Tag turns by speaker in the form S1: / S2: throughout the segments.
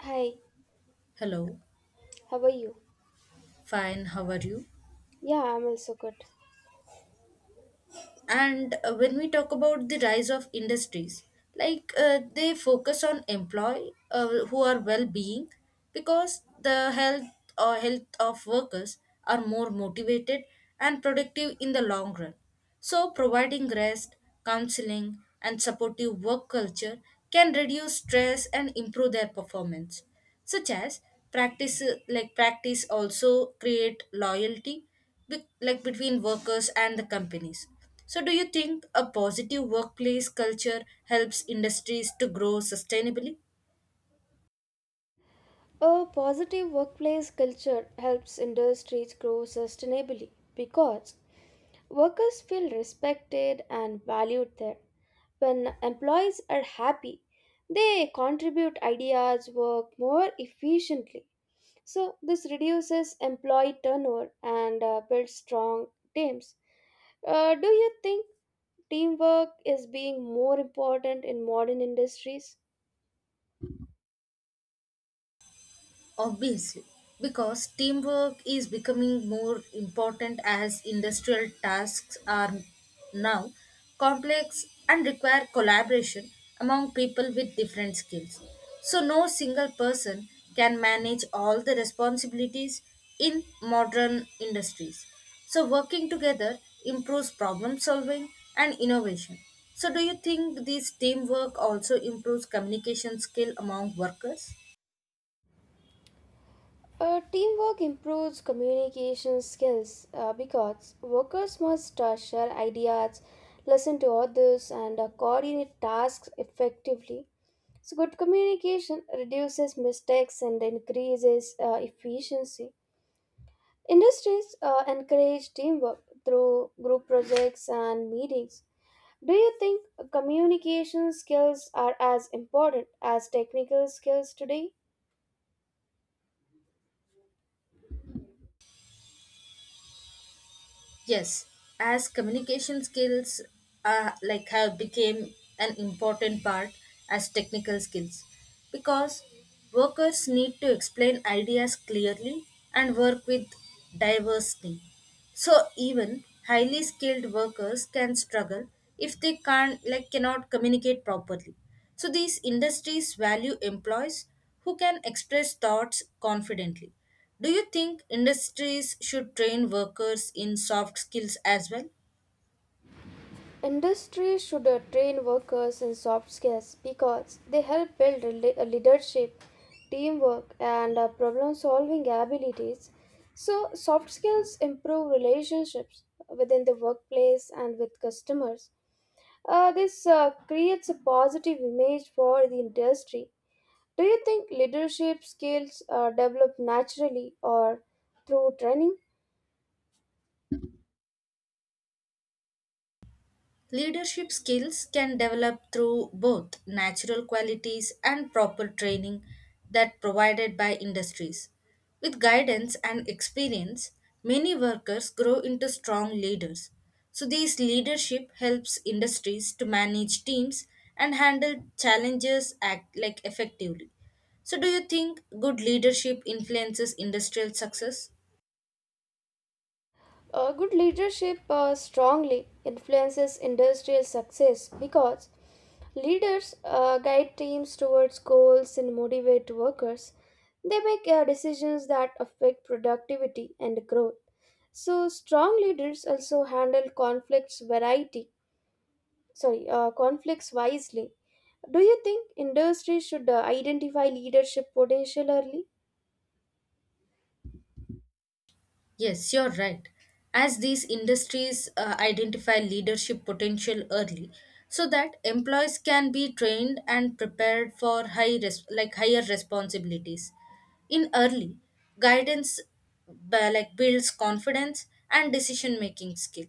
S1: Hi,
S2: Hello,
S1: how are you?
S2: fine, how are you?
S1: Yeah, I'm also good.
S2: And when we talk about the rise of industries, like they focus on employee who are well-being because the health or health of workers are more motivated and productive in the long run. So providing rest, counseling, and supportive work culture can reduce stress and improve their performance. Such as practice, like practice also create loyalty, like between workers and the companies. So do you think a positive workplace culture helps industries to grow sustainably?
S1: A positive workplace culture helps industries grow sustainably because workers feel respected and valued there. When employees are happy, they contribute ideas, work more efficiently. So, this reduces employee turnover and builds strong teams. Do you think teamwork is being more important in modern industries?
S2: Obviously, because teamwork is becoming more important as industrial tasks are now complex and require collaboration among people with different skills. So, no single person can manage all the responsibilities in modern industries. So, working together improves problem solving and innovation. So, do you think this teamwork also improves communication skill among workers?
S1: Teamwork improves communication skills because workers must share ideas, listen to others, and coordinate tasks effectively. So, good communication reduces mistakes and increases efficiency. Industries encourage teamwork through group projects and meetings. Do you think communication skills are as important as technical skills today?
S2: Yes, as communication skills like have became an important part as technical skills, because workers need to explain ideas clearly and work with diverse team. So even highly skilled workers can struggle if they can't like cannot communicate properly. So these industries value employees who can express thoughts confidently. Do you think industries should train workers in soft skills as well?
S1: Industry should train workers in soft skills because they help build leadership, teamwork, and problem solving abilities. So, soft skills improve relationships within the workplace and with customers. This creates a positive image for the industry. Do you think leadership skills are developed naturally or through training?
S2: Leadership skills can develop through both natural qualities and proper training that provided by industries. With guidance and experience, many workers grow into strong leaders. So this leadership helps industries to manage teams and handle challenges, act like effectively. So do you think good leadership influences industrial success?
S1: Good leadership strongly influences industrial success because leaders guide teams towards goals and motivate workers. They make decisions that affect productivity and growth. So strong leaders also handle conflicts wisely. Do you think industry should identify leadership potential early?
S2: Yes, you're right. As these industries identify leadership potential early, so that employees can be trained and prepared for higher responsibilities. In early, guidance builds confidence and decision making skill.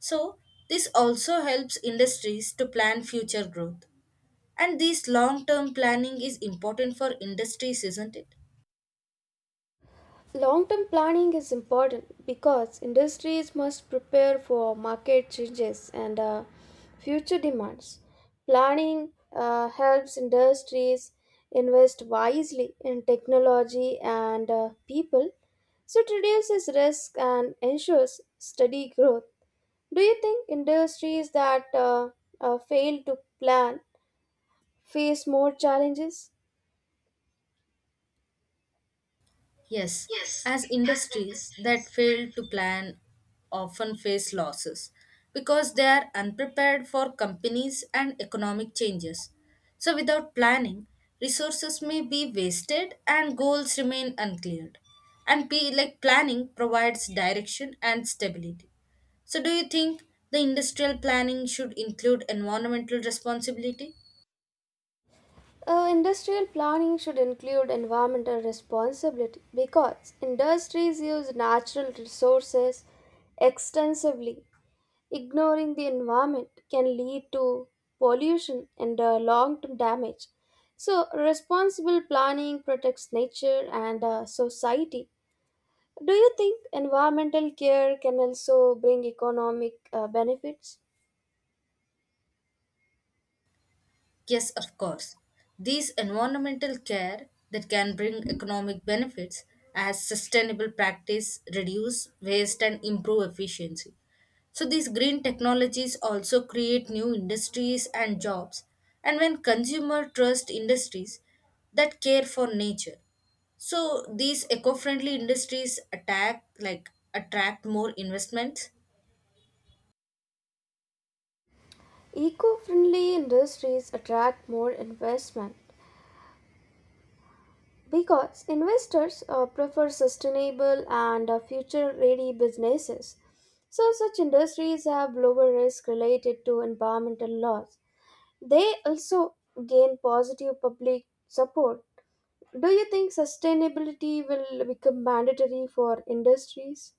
S2: So this also helps industries to plan future growth. And this long term planning is important for industries, isn't it?
S1: Long term planning is important because industries must prepare for market changes and future demands. Planning helps industries invest wisely in technology and people, so it reduces risk and ensures steady growth. Do you think industries that fail to plan face more challenges?
S2: Yes, as industries that fail to plan often face losses because they are unprepared for companies and economic changes. So, without planning, resources may be wasted and goals remain unclear. And P, like Planning provides direction and stability. So, do you think the industrial planning should include environmental responsibility?
S1: Industrial planning should include environmental responsibility because industries use natural resources extensively. Ignoring the environment can lead to pollution and long term damage. So, responsible planning protects nature and society. Do you think environmental care can also bring economic benefits?
S2: Yes, of course. These environmental care that can bring economic benefits as sustainable practice reduce waste and improve efficiency. So these green technologies also create new industries and jobs, and when consumer trust industries that care for nature. So these eco-friendly industries attack like attract more investments.
S1: Eco friendly industries attract more investment because investors prefer sustainable and future ready businesses. So, such industries have lower risk related to environmental laws. They also gain positive public support. Do you think sustainability will become mandatory for industries?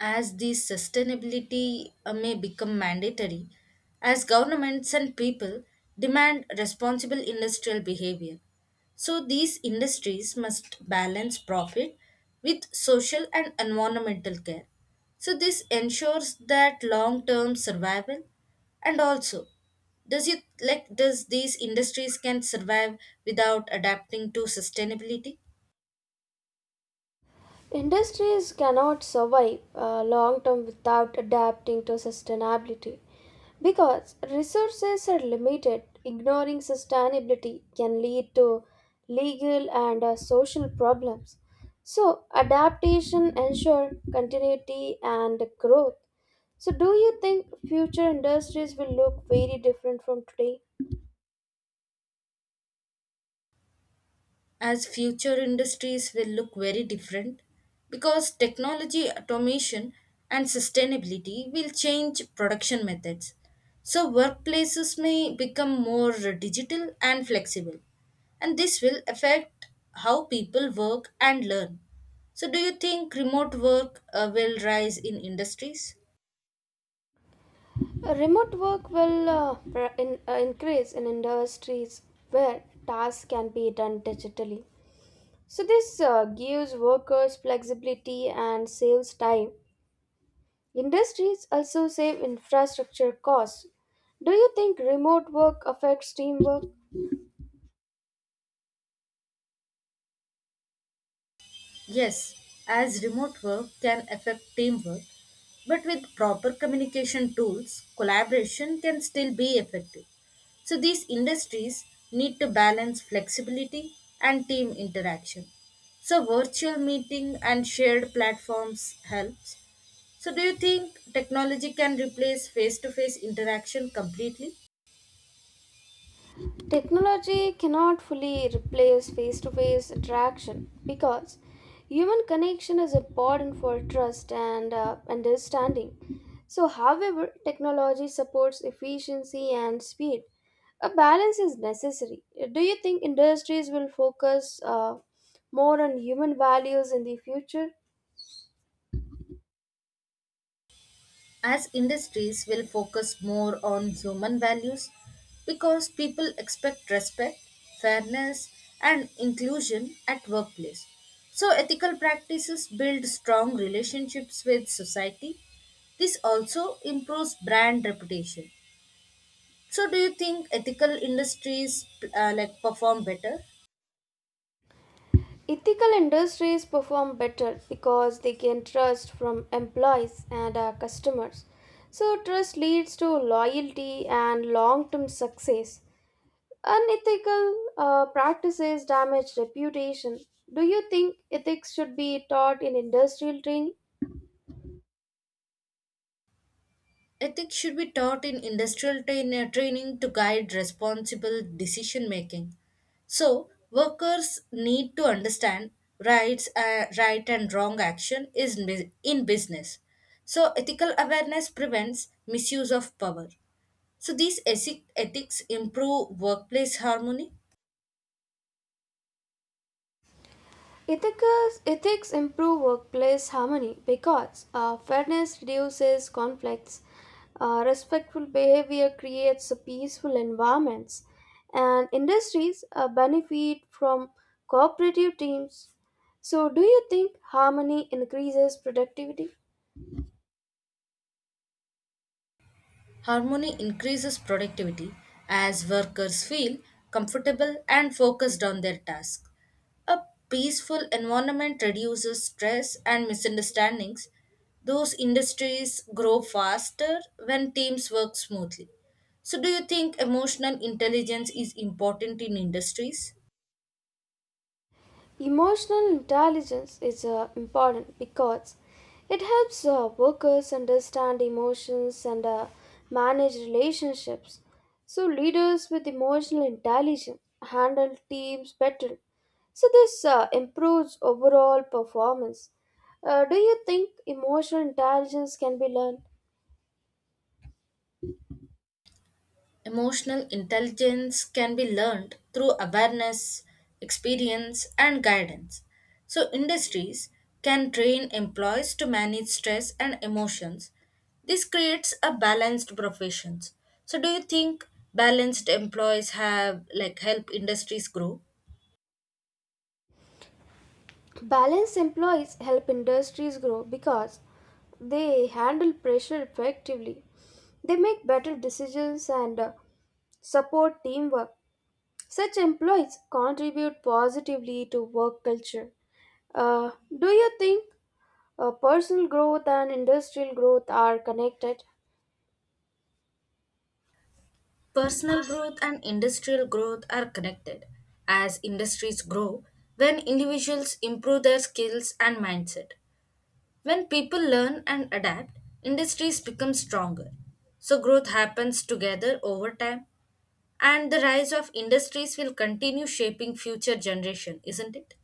S2: As the sustainability may become mandatory as governments and people demand responsible industrial behavior. So these industries must balance profit with social and environmental care. So this ensures that long-term survival, and also does it like does these industries can survive without adapting to sustainability?
S1: Industries cannot survive long term without adapting to sustainability because resources are limited. Ignoring sustainability can lead to legal and social problems. So, adaptation ensures continuity and growth. So, do you think future industries will look very different from today?
S2: As future industries will look very different because technology, automation, and sustainability will change production methods. So, workplaces may become more digital and flexible, and this will affect how people work and learn. So, do you think remote work will rise in industries?
S1: Remote work will increase in industries where tasks can be done digitally. So this gives workers flexibility and saves time. Industries also save infrastructure costs. Do you think remote work affects teamwork?
S2: Yes, as remote work can affect teamwork, but with proper communication tools, collaboration can still be effective. So these industries need to balance flexibility and team interaction. So virtual meeting and shared platforms helps. So do you think technology can replace face-to-face interaction completely?
S1: Technology cannot fully replace face to face interaction because human connection is important for trust and understanding. So, however, technology supports efficiency and speed. A balance is necessary. Do you think industries will focus more on human values in the future?
S2: As industries will focus more on human values because people expect respect, fairness, and inclusion at workplace. So ethical practices build strong relationships with society. This also improves brand reputation. So do you think ethical industries, like, perform better?
S1: Ethical industries perform better because they gain trust from employees and customers. So, trust leads to loyalty and long term success. Unethical practices damage reputation. Do you think ethics should be taught in industrial training?
S2: Ethics should be taught in training to guide responsible decision making. So, workers need to understand right and wrong action in business. So, ethical awareness prevents misuse of power. So, these ethics improve workplace harmony.
S1: Ethics improve workplace harmony because fairness reduces conflicts, respectful behavior creates peaceful environments, and industries benefit from cooperative teams. So, do you think harmony increases productivity?
S2: Harmony increases productivity as workers feel comfortable and focused on their task. A peaceful environment reduces stress and misunderstandings. Those industries grow faster when teams work smoothly. So, do you think emotional intelligence is important in industries?
S1: Emotional intelligence is important because it helps workers understand emotions and manage relationships. So, leaders with emotional intelligence handle teams better. So, this improves overall performance. Do you think emotional intelligence can be learned?
S2: Emotional intelligence can be learned through awareness, experience, and guidance. So, industries can train employees to manage stress and emotions. This creates a balanced profession. So, do you think balanced employees have like help industries grow?
S1: Balanced employees help industries grow because they handle pressure effectively. They make better decisions and support teamwork. Such employees contribute positively to work culture. Uh, do you think personal growth and industrial growth are connected?
S2: Personal growth and industrial growth are connected. As industries grow, when individuals improve their skills and mindset, when people learn and adapt, industries become stronger. So growth happens together over time, and the rise of industries will continue shaping future generation, isn't it?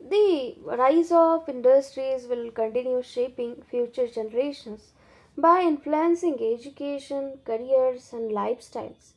S1: The rise of industries will continue shaping future generations by influencing education, careers, and lifestyles.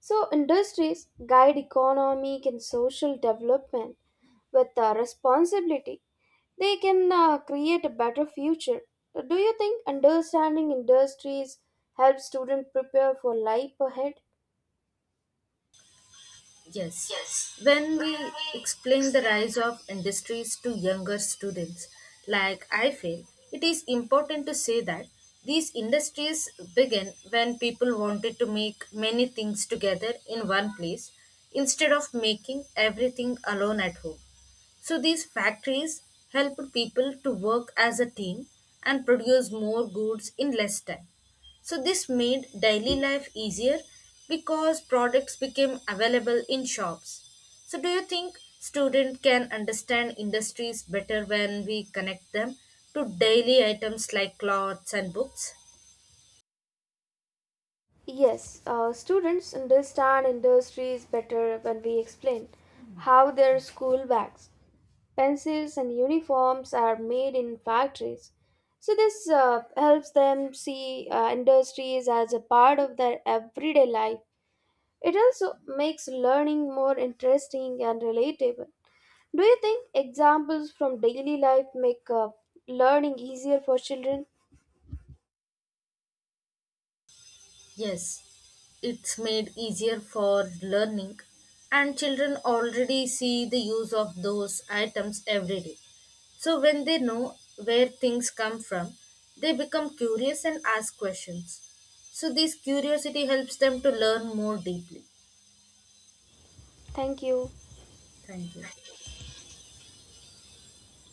S1: So, industries guide economic and social development with responsibility. They can create a better future. Do you think understanding industries helps students prepare for life ahead?
S2: Yes.
S1: Yes.
S2: When we explain the rise of industries to younger students, like I feel, it is important to say that these industries began when people wanted to make many things together in one place instead of making everything alone at home. So these factories helped people to work as a team and produce more goods in less time. So this made daily life easier because products became available in shops. So do you think students can understand industries better when we connect them to daily items like clothes and books?
S1: Yes, students understand industries better when we explain how their school bags, pencils, and uniforms are made in factories. So, this helps them see industries as a part of their everyday life. It also makes learning more interesting and relatable. Do you think examples from daily life make learning easier for children?
S2: Yes, it's made easier for learning, and children already see the use of those items every day. So, when they know where things come from, they become curious and ask questions. So, this curiosity helps them to learn more deeply.
S1: Thank you.
S2: Thank you.